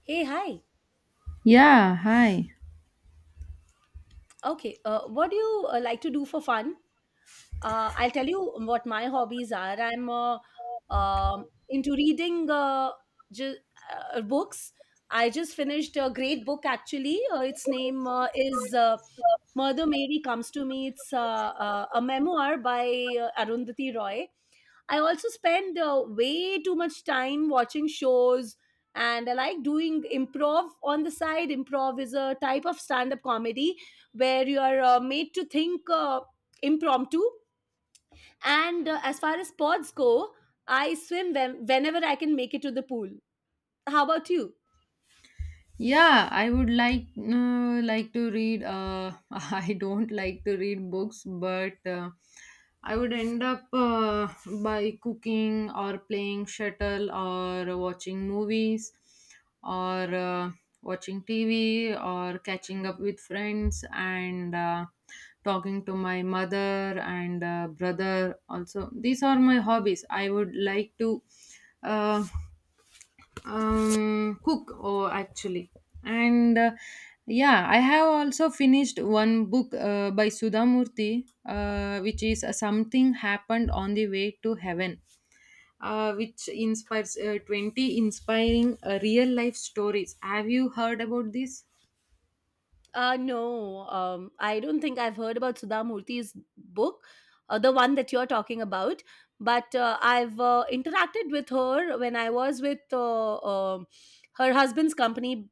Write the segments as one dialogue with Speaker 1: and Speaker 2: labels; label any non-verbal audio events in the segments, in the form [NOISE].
Speaker 1: Hey, hi.
Speaker 2: Yeah, hi.
Speaker 1: Okay, what do you like to do for fun? I'll tell you what my hobbies are. I'm into reading ju- books. I just finished a great book actually. Its name is Mother Mary Comes to Me. It's a memoir by Arundhati Roy. I also spend way too much time watching shows, and I like doing improv on the side. Improv is a type of stand up comedy where you are made to think impromptu. And as far as sports go, I swim whenever I can make it to the pool. How about you?
Speaker 2: Yeah, I would like to read [LAUGHS] I don't like to read books, but I would end up by cooking or playing shuttle or watching movies or watching TV or catching up with friends and talking to my mother and brother also. These are my hobbies. I would like to uh, cook or actually and yeah, I have also finished one book by Sudhamurti, which is something Happened on the Way to Heaven, which inspires, 20 inspiring real life stories. Have you heard about this?
Speaker 1: No, I don't think I've heard about Sudha Murthy's book, the one that you're talking about. But I've interacted with her when I was with her husband's company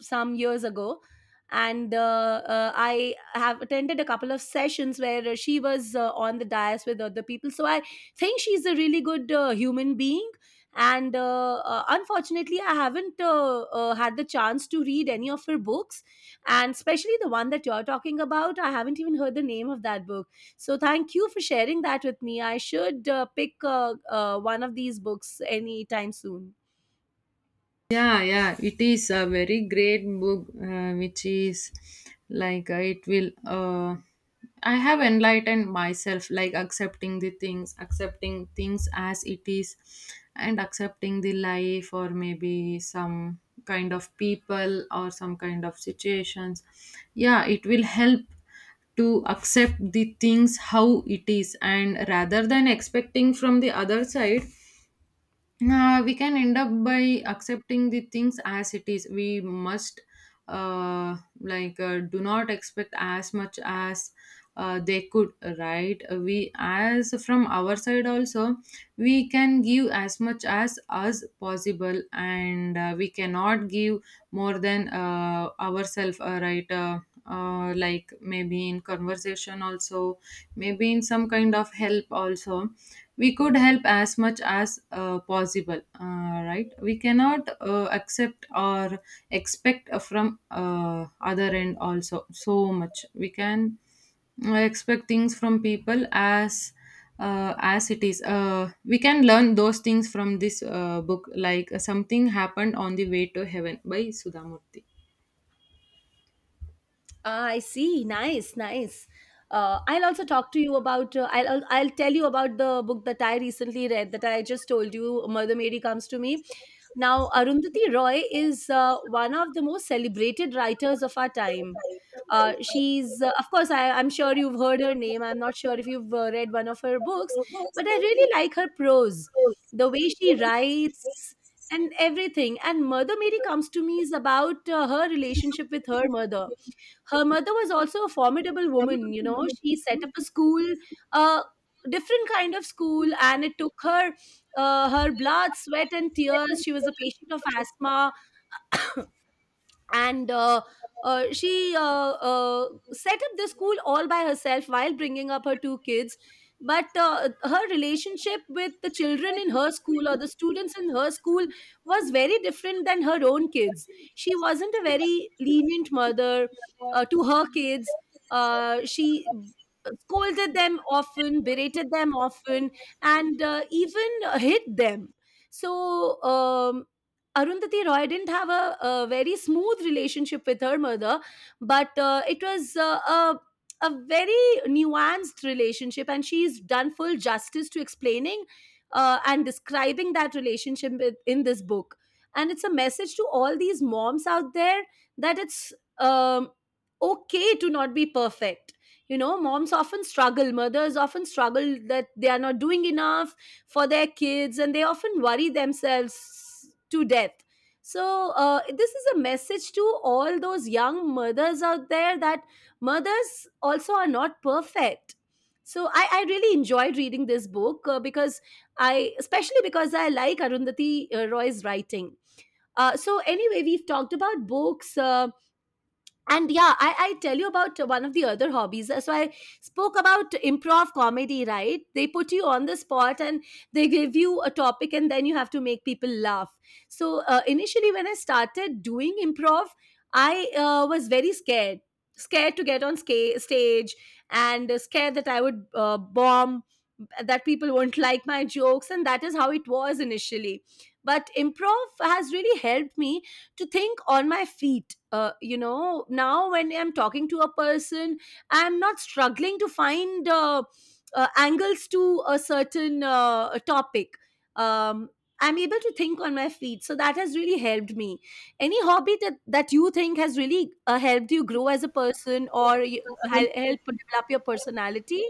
Speaker 1: some years ago. And I have attended a couple of sessions where she was on the dais with other people. So I think she's a really good human being. And unfortunately, I haven't had the chance to read any of her books, and especially the one that you're talking about, I haven't even heard the name of that book. So thank you for sharing that with me. I should pick one of these books anytime soon.
Speaker 2: Yeah, yeah, it is a very great book, which is like it will. I have enlightened myself, like accepting the things, accepting things as it is, and accepting the life, or maybe some kind of people, or some kind of situations. Yeah, it will help to accept the things how it is, and rather than expecting from the other side, we can end up by accepting the things as it is. We must do not expect as much as they could, right? We, as from our side also, we can give as much as us possible, and we cannot give more than ourselves, right? Like maybe in conversation also, maybe in some kind of help also, we could help as much as possible, right? We cannot accept or expect from other end also so much. We can expect things from people as it is. We can learn those things from this book, like Something Happened on the Way to Heaven by Sudhamurti.
Speaker 1: Ah, I see. Nice, nice. I'll also talk to you about. I'll tell you about the book that I recently read that I just told you. Mother Mary Comes to Me. Now, Arundhati Roy is one of the most celebrated writers of our time. She's, of course, I'm sure you've heard her name. I'm not sure if you've read one of her books, but I really like her prose, the way she writes, and everything. And Mother Mary Comes to Me is about her relationship with her mother. Her mother was also a formidable woman. She set up a school, a different kind of school, and it took her her blood, sweat, and tears. She was a patient of asthma, and she set up the school all by herself while bringing up her two kids. But her relationship with the children in her school, or the students in her school, was very different than her own kids. She wasn't a very lenient mother to her kids. She scolded them often, berated them often, and even hit them. So Arundhati Roy didn't have a very smooth relationship with her mother, but it was a very nuanced relationship, and she's done full justice to explaining and describing that relationship in this book. And it's a message to all these moms out there that it's okay to not be perfect. You know, moms often struggle, mothers often struggle that they are not doing enough for their kids, and they often worry themselves to death. So, this is a message to all those young mothers out there, that mothers also are not perfect. So, I really enjoyed reading this book because especially because I like Arundhati Roy's writing. So, anyway, we've talked about books. And yeah, I tell you about one of the other hobbies. So I spoke about improv comedy, right? They put you on the spot, and they give you a topic, and then you have to make people laugh. So initially when I started doing improv, I was very scared, scared to get on stage, and scared that I would bomb, that people won't like my jokes, and that is how it was initially. But improv has really helped me to think on my feet. You know, now when I'm talking to a person, I'm not struggling to find angles to a certain topic. Um, I'm able to think on my feet. So that has really helped me. Any hobby that you think has really helped you grow as a person, or you, help develop your personality?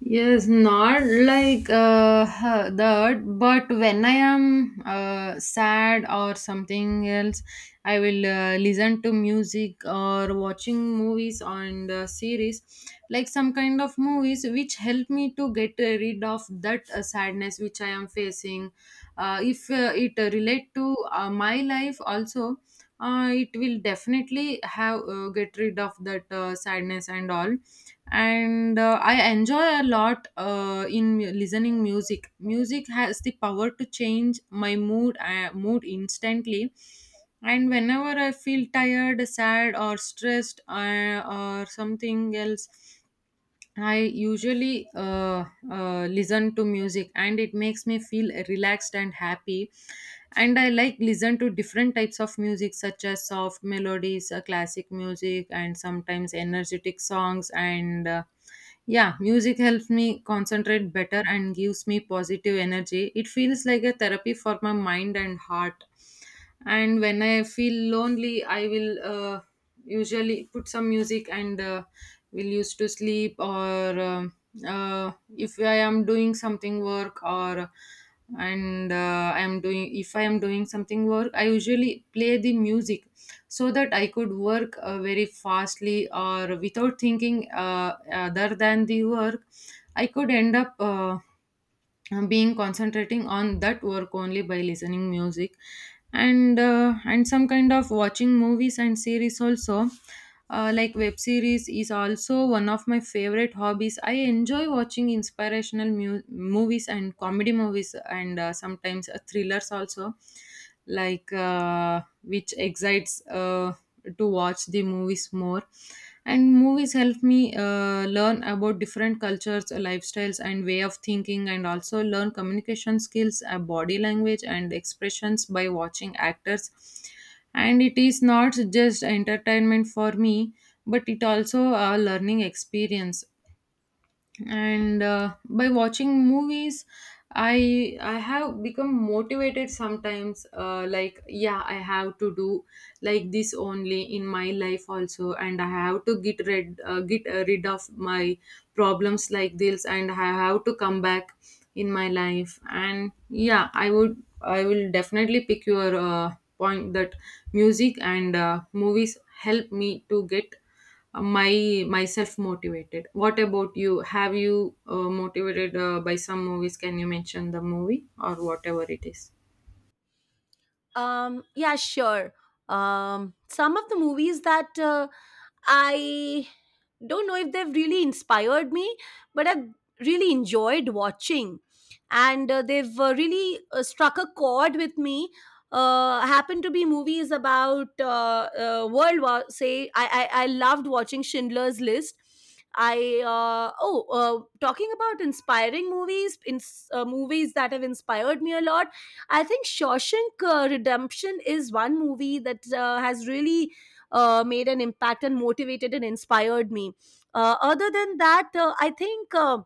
Speaker 2: Yes, not like huh, that, but when I am sad or something else, I will listen to music or watching movies and series, like some kind of movies which help me to get rid of that sadness which I am facing. If it relate to my life also, it will definitely have get rid of that sadness and all. And I enjoy a lot listening music. Music has the power to change my mood, mood instantly, and whenever I feel tired, sad or stressed, or something else, I usually listen to music and it makes me feel relaxed and happy. And I like listen to different types of music such as soft melodies, classic music, and sometimes energetic songs. And yeah, music helps me concentrate better and gives me positive energy. It feels like a therapy for my mind and heart, and when I feel lonely, I will usually put some music, and will use to sleep, or if I am doing something work or and I am doing if I am doing something work, I usually play the music so that I could work very fastly, or without thinking other than the work, I could end up being concentrating on that work only by listening music. And And some kind of watching movies and series also, like web series is also one of my favorite hobbies. I enjoy watching inspirational movies and comedy movies, and sometimes thrillers also, like which excites to watch the movies more. And movies help me learn about different cultures, lifestyles and way of thinking, and also learn communication skills, body language and expressions by watching actors. And it is not just entertainment for me, but it also a learning experience. And by watching movies, I have become motivated sometimes, like yeah, I have to do like this only in my life also, and I have to get rid of my problems like this, and I have to come back in my life. And yeah, I will definitely pick your point that music and movies help me to get my myself motivated. What about you? Have you motivated by some movies? Can you mention the movie or whatever it is?
Speaker 1: Yeah, sure. Some of the movies that I don't know if they've really inspired me, but I've really enjoyed watching, and they've really struck a chord with me. Happen to be movies about World War. Say, I loved watching Schindler's List. I Oh, talking about inspiring movies, in movies that have inspired me a lot. I think Shawshank Redemption is one movie that has really made an impact and motivated and inspired me. Other than that, I think.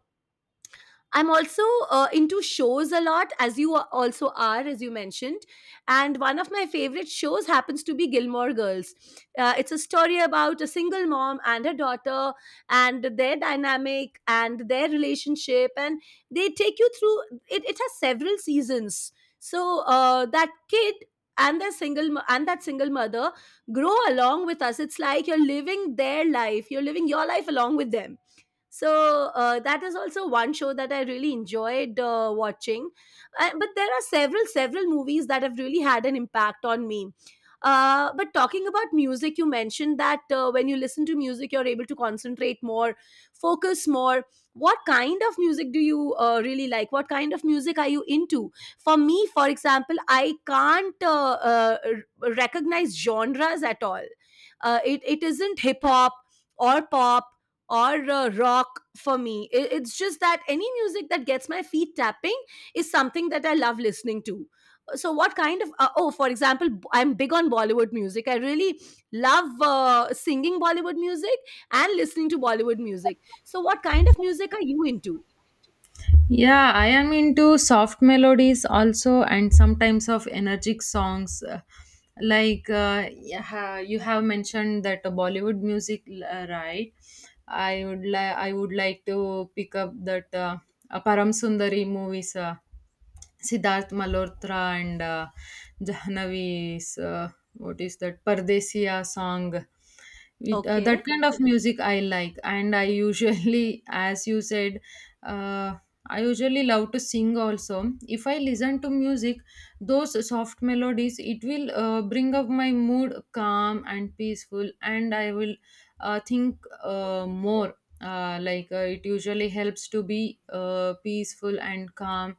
Speaker 1: I'm also into shows a lot, as you also are, as you mentioned. And one of my favorite shows happens to be Gilmore Girls. It's a story about a single mom and her daughter, and their dynamic and their relationship. And they take you through It, has several seasons. So that kid, and their single and that single mother, grow along with us. It's like you're living their life, you're living your life along with them. So that is also one show that I really enjoyed watching. But there are several movies that have really had an impact on me. But talking about music, you mentioned that when you listen to music you're able to concentrate more, focus more. What kind of music do you really like? What kind of music are you into? For me, for example, I can't recognize genres at all. It isn't hip hop or pop or rock for me. It's just that any music that gets my feet tapping is something that I love listening to. So, what kind of, oh, for example, I'm big on Bollywood music. I really love singing Bollywood music and listening to Bollywood music. So, what kind of music are you into?
Speaker 2: Yeah, I am into soft melodies also, and sometimes of energetic songs. Yeah, you have mentioned that Bollywood music, right? I would like to pick up that Param Sundari movies. Siddharth Malhotra and Jahnavi's, what is that Pardesiya song. With
Speaker 1: Okay.
Speaker 2: that kind of music I like, and I usually, [LAUGHS] as you said, uh, I usually love to sing also. If I listen to music, those soft melodies, it will bring up my mood calm and peaceful, and I will think more, like it usually helps to be peaceful and calm.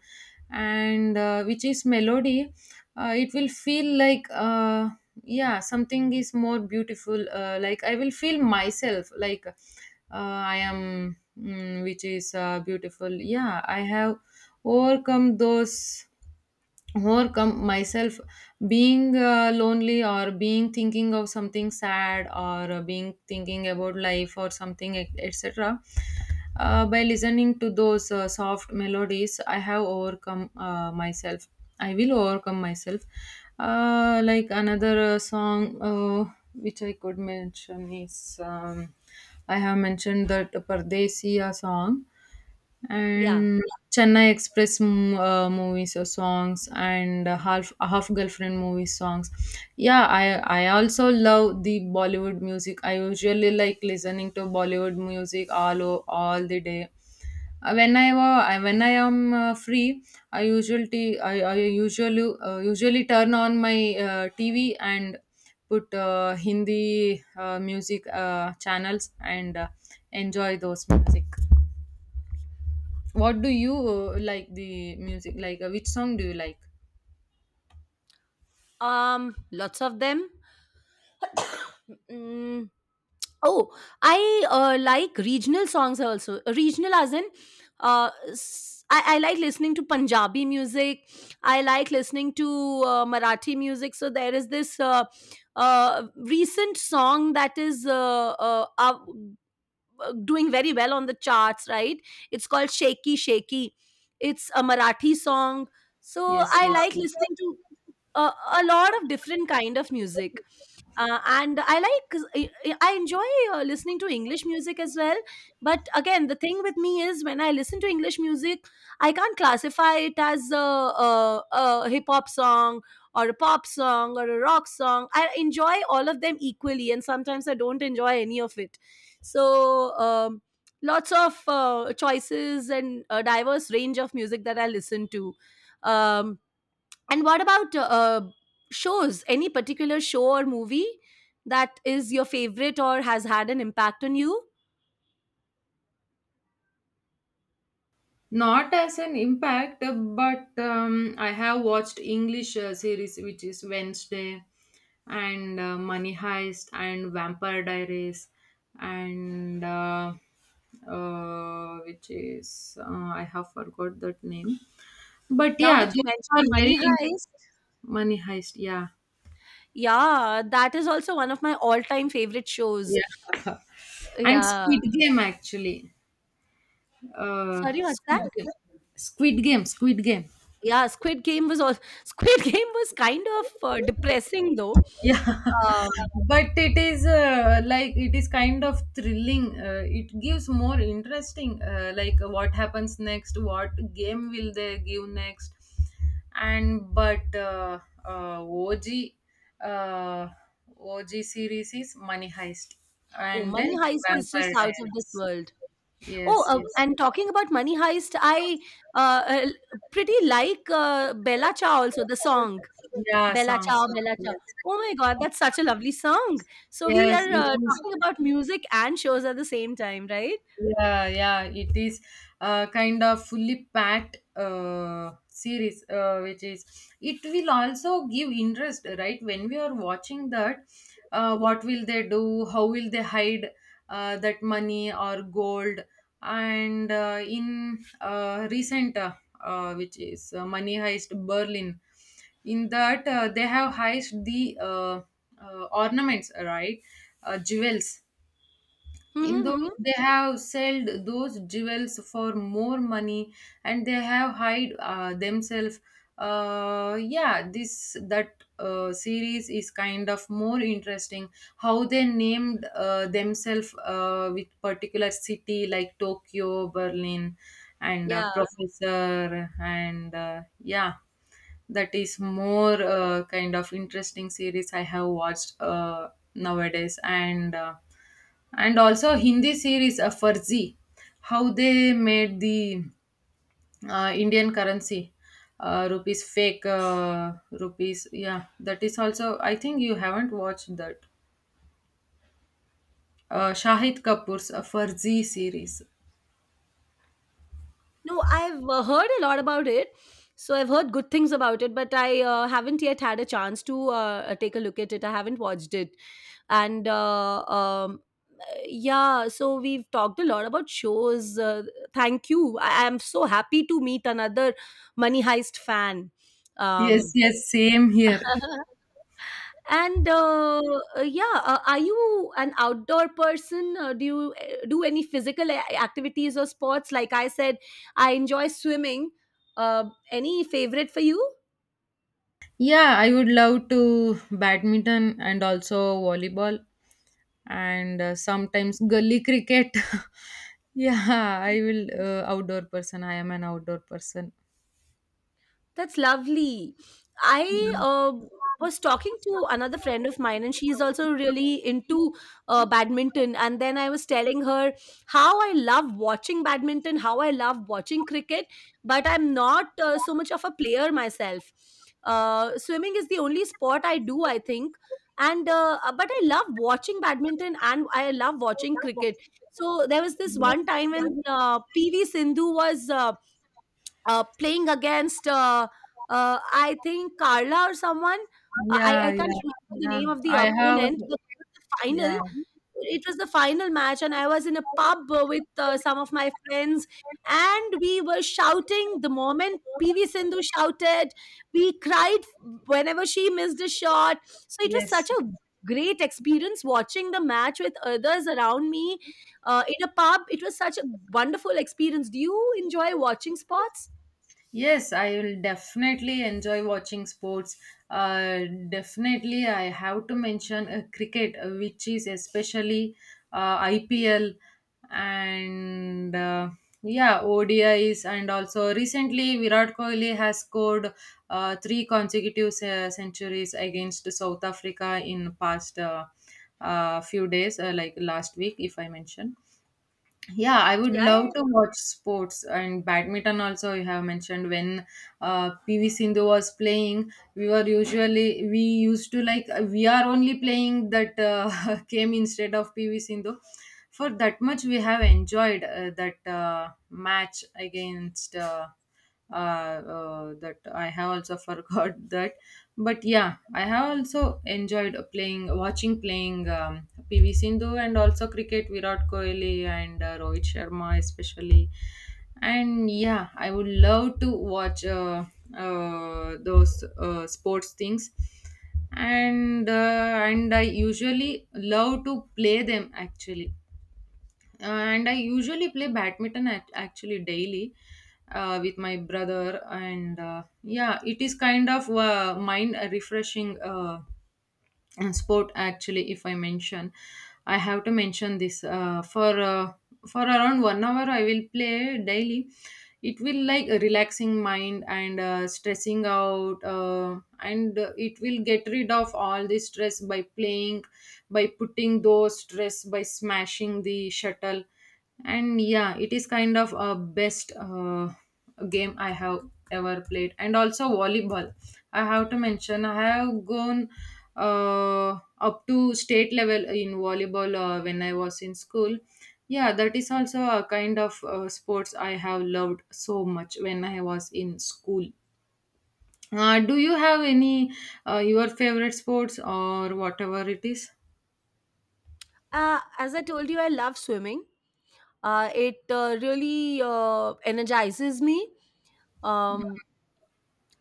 Speaker 2: And which is melody, it will feel like yeah, something is more beautiful, like I will feel myself like I am mm, which is beautiful. Yeah, I have overcome those, overcome myself, being lonely or being thinking of something sad, or being thinking about life, or something etc. By listening to those soft melodies, I have overcome myself. I will overcome myself. Like another song which I could mention is, I have mentioned that Pardesiya song,
Speaker 1: Yeah.
Speaker 2: and Chennai Express, mm, movies or songs, and half girlfriend movie songs. Yeah, I also love the Bollywood music. I usually like listening to Bollywood music all the day. When when I am free, I usually turn on my TV and put Hindi music channels, and enjoy those music. What do you like the music? Like, which song do you like?
Speaker 1: Lots of them. Mm, Oh, I like regional songs also. Regional as in, I like listening to Punjabi music. I like listening to Marathi music. So there is this recent song that is doing very well on the charts, right? It's called Shaky Shaky. It's a Marathi song. So
Speaker 2: Yes,
Speaker 1: I
Speaker 2: yes.
Speaker 1: like listening to a lot of different kind of music, and I enjoy listening to English music as well. But again, the thing with me is when I listen to English music, I can't classify it as a, a hip hop song or a pop song or a rock song. I enjoy all of them equally, and sometimes I don't enjoy any of it. So lots of choices, and a diverse range of music that I listen to. um, and what about shows? Any particular show or movie that is your favorite or has had an impact on you?
Speaker 2: Not as an impact, but I have watched English series, which is Wednesday and Money Heist and Vampire Diaries, and which is I have forgot that name. But
Speaker 1: Now
Speaker 2: yeah,
Speaker 1: that you
Speaker 2: those are
Speaker 1: mentioned Money
Speaker 2: very…
Speaker 1: Heist,
Speaker 2: Money Heist. Yeah,
Speaker 1: yeah, that is also one of my all-time favorite shows.
Speaker 2: yeah, [LAUGHS] and
Speaker 1: Yeah.
Speaker 2: Squid Game actually. uh,
Speaker 1: Sorry, what's
Speaker 2: squid
Speaker 1: that?
Speaker 2: game Squid game.
Speaker 1: Yeah, Squid Game was all. [LAUGHS] Squid Game was kind of depressing though.
Speaker 2: Yeah,
Speaker 1: Um,
Speaker 2: [LAUGHS] but it is like it is kind of thrilling. It gives more interesting, like what happens next, what game will they give next. And but uh, og uh, og series is Money Heist,
Speaker 1: oh,
Speaker 2: and
Speaker 1: Money
Speaker 2: then
Speaker 1: Heist is
Speaker 2: Vampire
Speaker 1: just out of this
Speaker 2: Diaries.
Speaker 1: world. Oh,
Speaker 2: Yes, yes.
Speaker 1: and talking about Money Heist, I uh, uh, pretty like Bella Ciao also, the song.
Speaker 2: Yeah,
Speaker 1: Bella
Speaker 2: songs.
Speaker 1: Ciao, Bella Ciao.
Speaker 2: Yes,
Speaker 1: Oh my God, that's such a lovely song. So we
Speaker 2: yes,
Speaker 1: are
Speaker 2: it is.
Speaker 1: talking about music and shows at the same time, right?
Speaker 2: Yeah, yeah, it is kind of fully packed series, which is it will also give interest, right? When we are watching that, what will they do? How will they hide that money or gold? And in recent, which is Money Heist Berlin, in that they have heist the ornaments, right? Jewels, in
Speaker 1: Mm-hmm,
Speaker 2: those
Speaker 1: hmm.
Speaker 2: they have sold those jewels for more money, and they have hide themselves. Yeah, this, that series is kind of more interesting, how they named themselves with particular city, like Tokyo, Berlin, and
Speaker 1: Yeah.
Speaker 2: professor, and yeah, that is more kind of interesting series I have watched nowadays. And and also Hindi series Farzi, how they made the Indian currency, rupees fake, rupees. Yeah, that is also, I think you haven't watched that, Shahid Kapoor's Farzi series.
Speaker 1: No, I've heard a lot about it. So I've heard good things about it, but I haven't yet had a chance to take a look at it. I haven't watched it. And Yeah, so we've talked a lot about shows. Thank you. I am so happy to meet another Money Heist fan.
Speaker 2: Yes,
Speaker 1: Um,
Speaker 2: yes, same here.
Speaker 1: [LAUGHS] and Yeah, are you an outdoor person? Do you do any physical activities or sports? Like I said, I enjoy swimming. Any favorite for you?
Speaker 2: Yeah, I would love to badminton and also volleyball, and sometimes gully cricket. [LAUGHS] Yeah, I will outdoor person. I am an outdoor person.
Speaker 1: That's lovely. I
Speaker 2: Mm.
Speaker 1: was talking to another friend of mine, and she's also really into badminton. And then I was telling her how I love watching badminton, how I love watching cricket, but I'm not so much of a player myself. Swimming is the only sport I do, I think. And But I love watching badminton and I love watching cricket. So there was this one time when PV Sindhu was playing against I think Carla or someone. Uh, I
Speaker 2: Yeah,
Speaker 1: I can't
Speaker 2: yeah,
Speaker 1: remember the
Speaker 2: yeah.
Speaker 1: name of the
Speaker 2: I have.
Speaker 1: opponent. But the final,
Speaker 2: Yeah.
Speaker 1: it was the final match, and I was in a pub with some of my friends, and we were shouting the moment PV Sindhu shouted. We cried whenever she missed a shot. So it was
Speaker 2: Yes.
Speaker 1: such a great experience watching the match with others around me in a pub. It was such a wonderful experience. Do you enjoy watching sports?
Speaker 2: Yes, I will definitely enjoy watching sports. Uh, Definitely, I have to mention cricket, which is especially IPL, and yeah, ODIs, and also recently Virat Kohli has scored three consecutive centuries against South Africa in past few days, like last week, if I mention. Yeah, I would
Speaker 1: Yeah, yeah,
Speaker 2: love to
Speaker 1: yeah.
Speaker 2: watch sports and badminton also. You have mentioned when PV Sindhu was playing, we were usually we used to like we are only playing that [LAUGHS] game instead of PV Sindhu. For that much we have enjoyed that match against that I have also [LAUGHS] forgot that. But yeah, I have also enjoyed playing, watching, playing PV Sindhu, and also cricket, Virat Kohli and Rohit Sharma especially. And yeah, I would love to watch those sports things. And and I usually love to play them actually. And I usually play badminton actually daily with my brother. And yeah, it is kind of mind refreshing. And sport actually, if I mention, I have to mention this for around 1 hour I will play daily. It will like relaxing mind and stressing out and it will get rid of all the stress by playing, by putting those stress by smashing the shuttle. And yeah, it is kind of a best game I have ever played. And also volleyball, I have to mention I have gone uh, up to state level in volleyball when I was in school. Yeah, that is also a kind of sports I have loved so much when I was in school. Do you have any your favorite sports or whatever it is?
Speaker 1: As I told you, I love swimming. It really energizes me. Um,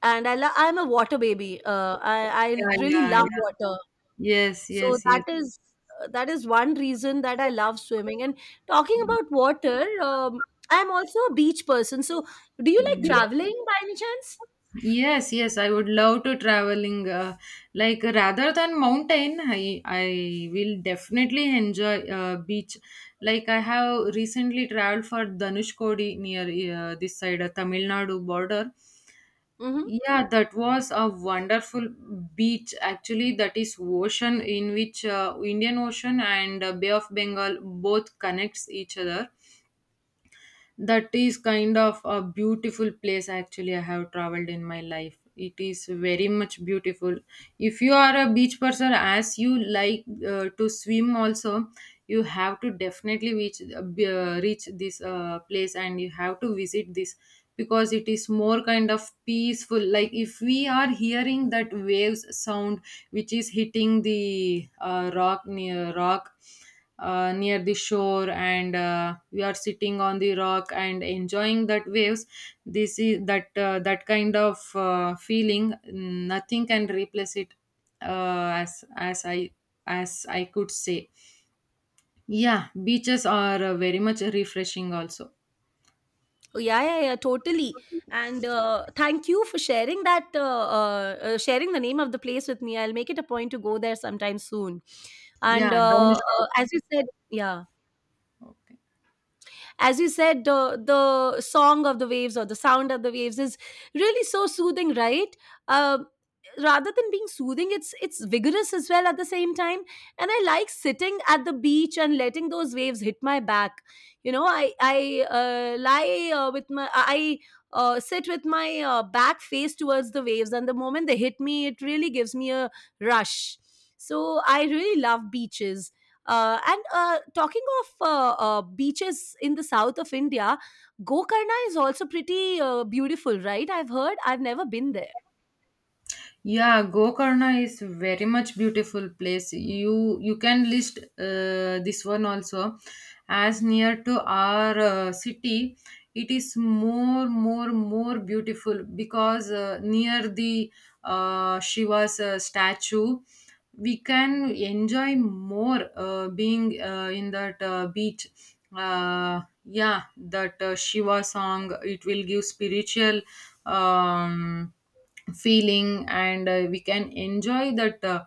Speaker 1: and I'm a water baby. I
Speaker 2: Yeah,
Speaker 1: really
Speaker 2: yeah,
Speaker 1: love
Speaker 2: yeah.
Speaker 1: water.
Speaker 2: Yes,
Speaker 1: So
Speaker 2: yes, yes.
Speaker 1: that is that is one reason that I love swimming. And talking about water, I'm also a beach person. So do you like
Speaker 2: Mm.
Speaker 1: traveling by any chance?
Speaker 2: Yes, yes, I would love to traveling. Like rather than mountain, I will definitely enjoy beach. Like I have recently traveled for Dhanushkodi near this side, Tamil Nadu border.
Speaker 1: Mm-hmm.
Speaker 2: Yeah, that was a wonderful beach. Actually, that is ocean in which Indian Ocean and Bay of Bengal both connects each other. That is kind of a beautiful place actually, I have traveled in my life, it is very much beautiful. If you are a beach person, as you like to swim also, you have to definitely reach reach this place, and you have to visit this, because it is more kind of peaceful. Like if we are hearing that waves sound which is hitting the rock near the shore, and we are sitting on the rock and enjoying that waves, this is that that kind of feeling, nothing can replace it. Uh, as as i as I could say, yeah, beaches are very much refreshing also.
Speaker 1: Oh yeah, yeah, yeah, totally. And thank you for sharing the name of the place with me. I'll make it a point to go there sometime soon.
Speaker 2: Yeah
Speaker 1: And
Speaker 2: then the
Speaker 1: as you said yeah
Speaker 2: Okay.
Speaker 1: as you said the song of the waves, or the sound of the waves, is really so soothing, right? um Rather than being soothing, it's vigorous as well at the same time. And I like sitting at the beach and letting those waves hit my back. I lie with my I sit with my back face towards the waves, and the moment they hit me, it really gives me a rush. So I really love beaches. And Talking of beaches in the south of India, Gokarna is also pretty beautiful, right? I've heard. I've never been there.
Speaker 2: Yeah, Gokarna is very much beautiful place. You can list this one also as near to our city. It is more beautiful because near the Shiva's statue, we can enjoy more being in that beach. Yeah, that Shiva song, it will give spiritual Um, feeling, and we can enjoy that uh,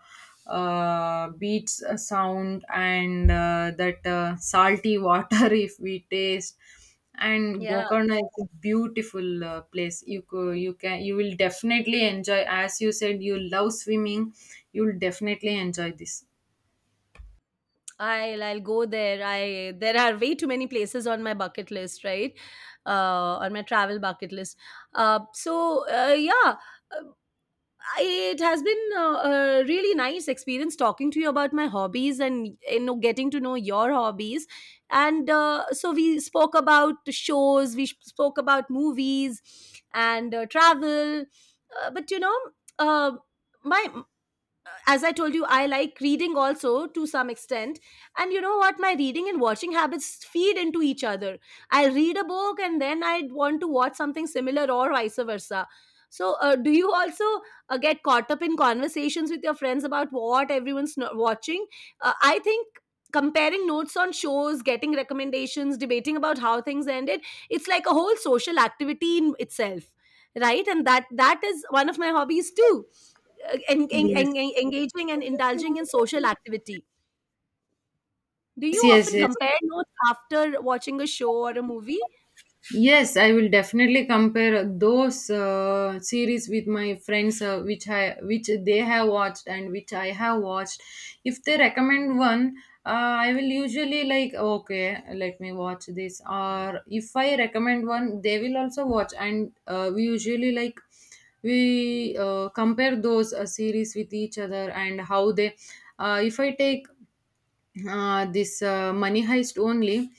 Speaker 2: uh, beats sound, and that salty water [LAUGHS] if we taste. And
Speaker 1: Yeah,
Speaker 2: Gokarna is a beautiful place, you can, you will definitely enjoy. As you said, you love swimming, you'll definitely enjoy this.
Speaker 1: I'll go there. I There are way too many places on my bucket list, right? On my travel bucket list. So, yeah, uh, it has been a really nice experience talking to you about my hobbies and getting to know your hobbies. And so we spoke about shows, we spoke about movies and travel. But you know uh, my as I told you, I like reading also to some extent. And you know what? My reading and watching habits feed into each other. I read a book and then I want to watch something similar or vice versa. So, do you also get caught up in conversations with your friends about what everyone's watching? I think comparing notes on shows, getting recommendations, debating about how things ended, it's like a whole social activity in itself, right? And that is one of my hobbies too,
Speaker 2: Yes,
Speaker 1: engaging and indulging in social activity. Do you
Speaker 2: yes, yes,
Speaker 1: often
Speaker 2: yes.
Speaker 1: compare notes after watching a show or a movie?
Speaker 2: Yes, I will definitely compare those series with my friends, which they have watched and which I have watched. If they recommend one, uh, I will usually like, okay, let me watch this. Or if I recommend one, they will also watch, and we usually like, we compare those series with each other and how they. If I take this money heist only,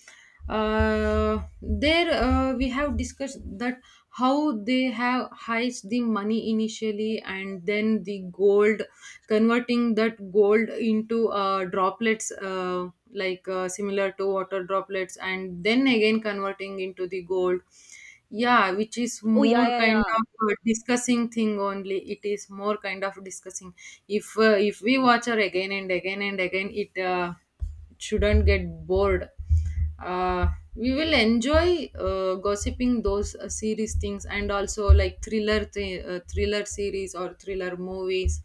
Speaker 2: there we have discussed that how they have heist the money initially, and then the gold, converting that gold into droplets like similar to water droplets, and then again converting into the gold. Yeah, which is
Speaker 1: Oh yeah,
Speaker 2: more
Speaker 1: yeah,
Speaker 2: kind
Speaker 1: yeah,
Speaker 2: of discussing thing only. It is more kind of discussing. If we watch her again and again and again, it shouldn't get bored. Uh, we will enjoy gossiping those series things, and also like thriller series or thriller movies.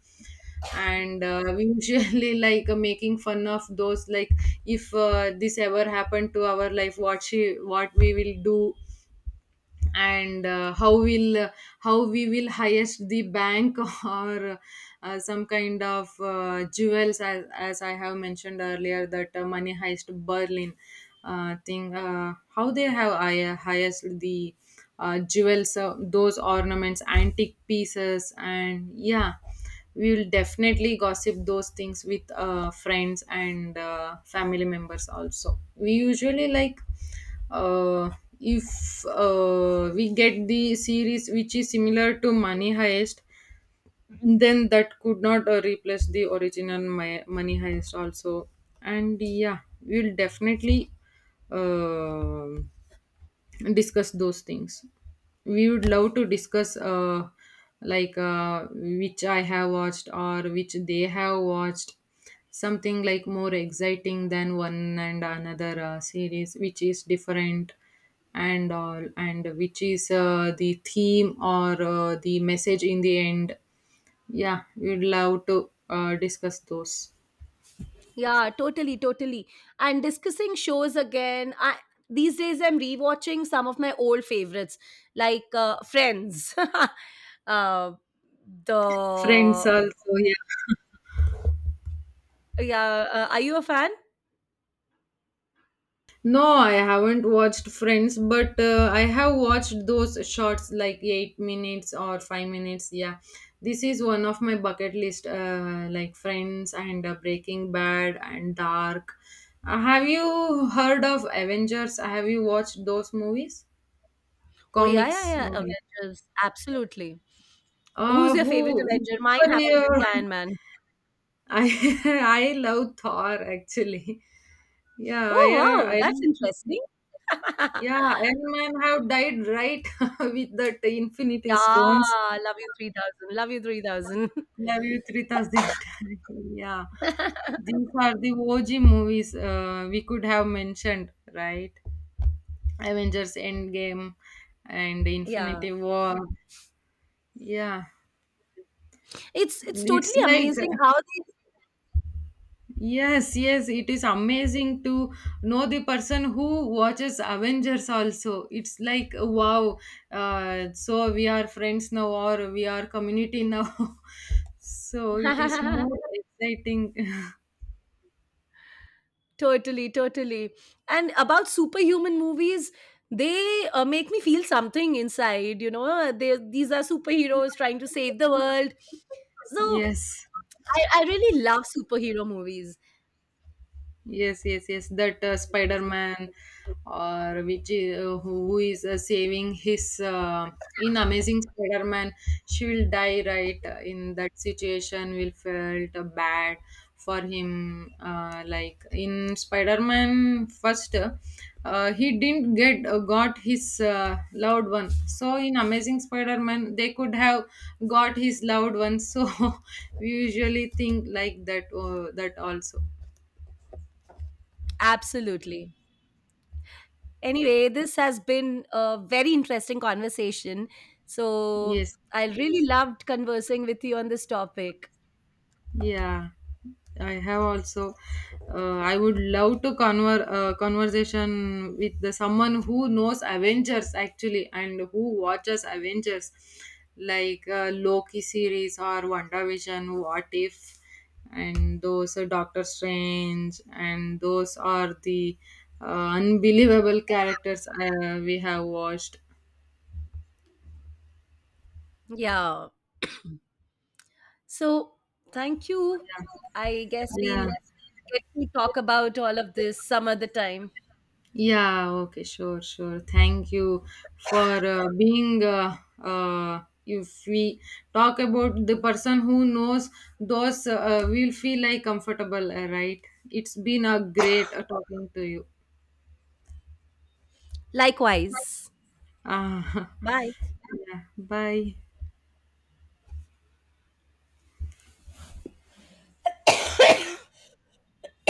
Speaker 2: And we usually [LAUGHS] like making fun of those, like if this ever happened to our life, what she, what we will do, and how we will highest the bank [LAUGHS] or some kind of jewels. As i have mentioned earlier that money heist berlin thing, how they have highest the jewels, those ornaments, antique pieces. And yeah, we will definitely gossip those things with friends and family members also. We usually like, uh, if we get the series which is similar to money heist, then that could not replace the original money heist also. And yeah, we'll definitely um discuss those things. We would love to discuss, like which I have watched or which they have watched, something like more exciting than one and another series, which is different and all, and which is the theme or the message in the end. Yeah, we'd love to discuss those.
Speaker 1: yeah, totally, totally. And discussing shows again. These days, I'm rewatching some of my old favorites like Friends. [LAUGHS] uh,
Speaker 2: Friends
Speaker 1: the
Speaker 2: also?
Speaker 1: yeah, are you a fan?
Speaker 2: No, I haven't watched Friends, but I have watched those shorts like 8 minutes or 5 minutes. Yeah, this is one of my bucket list, like Friends and Breaking Bad and Dark. Have you heard of Avengers? Have you watched those movies?
Speaker 1: Oh yeah, yeah,
Speaker 2: Comics
Speaker 1: yeah.
Speaker 2: movie.
Speaker 1: Avengers, absolutely. Who's your favorite
Speaker 2: Who? Which
Speaker 1: Avenger? Mine happens to
Speaker 2: superhero-
Speaker 1: be
Speaker 2: [LAUGHS]
Speaker 1: Iron Man.
Speaker 2: I love Thor actually. Yeah,
Speaker 1: Oh
Speaker 2: Iron
Speaker 1: wow, that's
Speaker 2: Iron.
Speaker 1: interesting.
Speaker 2: Yeah, Iron Man have died, right, [LAUGHS] with that Infinity
Speaker 1: Yeah,
Speaker 2: Stones.
Speaker 1: Love You 3000. Love You 3000. [LAUGHS]
Speaker 2: Love you 3000 times. [LAUGHS] Yeah, these are the OG movies we could have mentioned, right? Avengers Endgame and
Speaker 1: Yeah.
Speaker 2: Infinity War. Yeah,
Speaker 1: It's
Speaker 2: it's
Speaker 1: totally
Speaker 2: like
Speaker 1: amazing how
Speaker 2: Yes, yes, it is amazing to know the person who watches Avengers also. It's like wow, so we are friends now, or we are community now. [LAUGHS] So it is
Speaker 1: they.
Speaker 2: more exciting.
Speaker 1: [LAUGHS] Totally, totally. And about superhuman movies, they make me feel something inside. They These are superheroes trying to save the world.
Speaker 2: [LAUGHS]
Speaker 1: So
Speaker 2: Yes.
Speaker 1: I really love superhero movies.
Speaker 2: Yes, yes, yes. That Spider-Man, or which who is saving his in Amazing Spider-Man, she will die, right, in that situation. Will felt bad for him. Like in Spider-Man first, he didn't get got his loved one. So in Amazing Spider-Man, they could have got his loved one. So [LAUGHS] we usually think like that. That also.
Speaker 1: Absolutely. Anyway, this has been a very interesting conversation. So
Speaker 2: Yes.
Speaker 1: I really loved conversing with you on this topic.
Speaker 2: Yeah, I have also. I would love to conversation with the someone who knows Avengers actually, and who watches Avengers, like Loki series or WandaVision, What If, and those are Doctor Strange, and those are the uh, unbelievable characters we have watched.
Speaker 1: Yeah. So thank you. I guess
Speaker 2: Yeah.
Speaker 1: we'll get to talk about all of this some other time.
Speaker 2: Yeah, okay, sure, sure. Thank you for being. If we talk about the person who knows those, we'll feel like comfortable, right? It's been a great talking to you.
Speaker 1: Likewise.
Speaker 2: Uh, [LAUGHS]
Speaker 1: Bye.
Speaker 2: yeah, bye.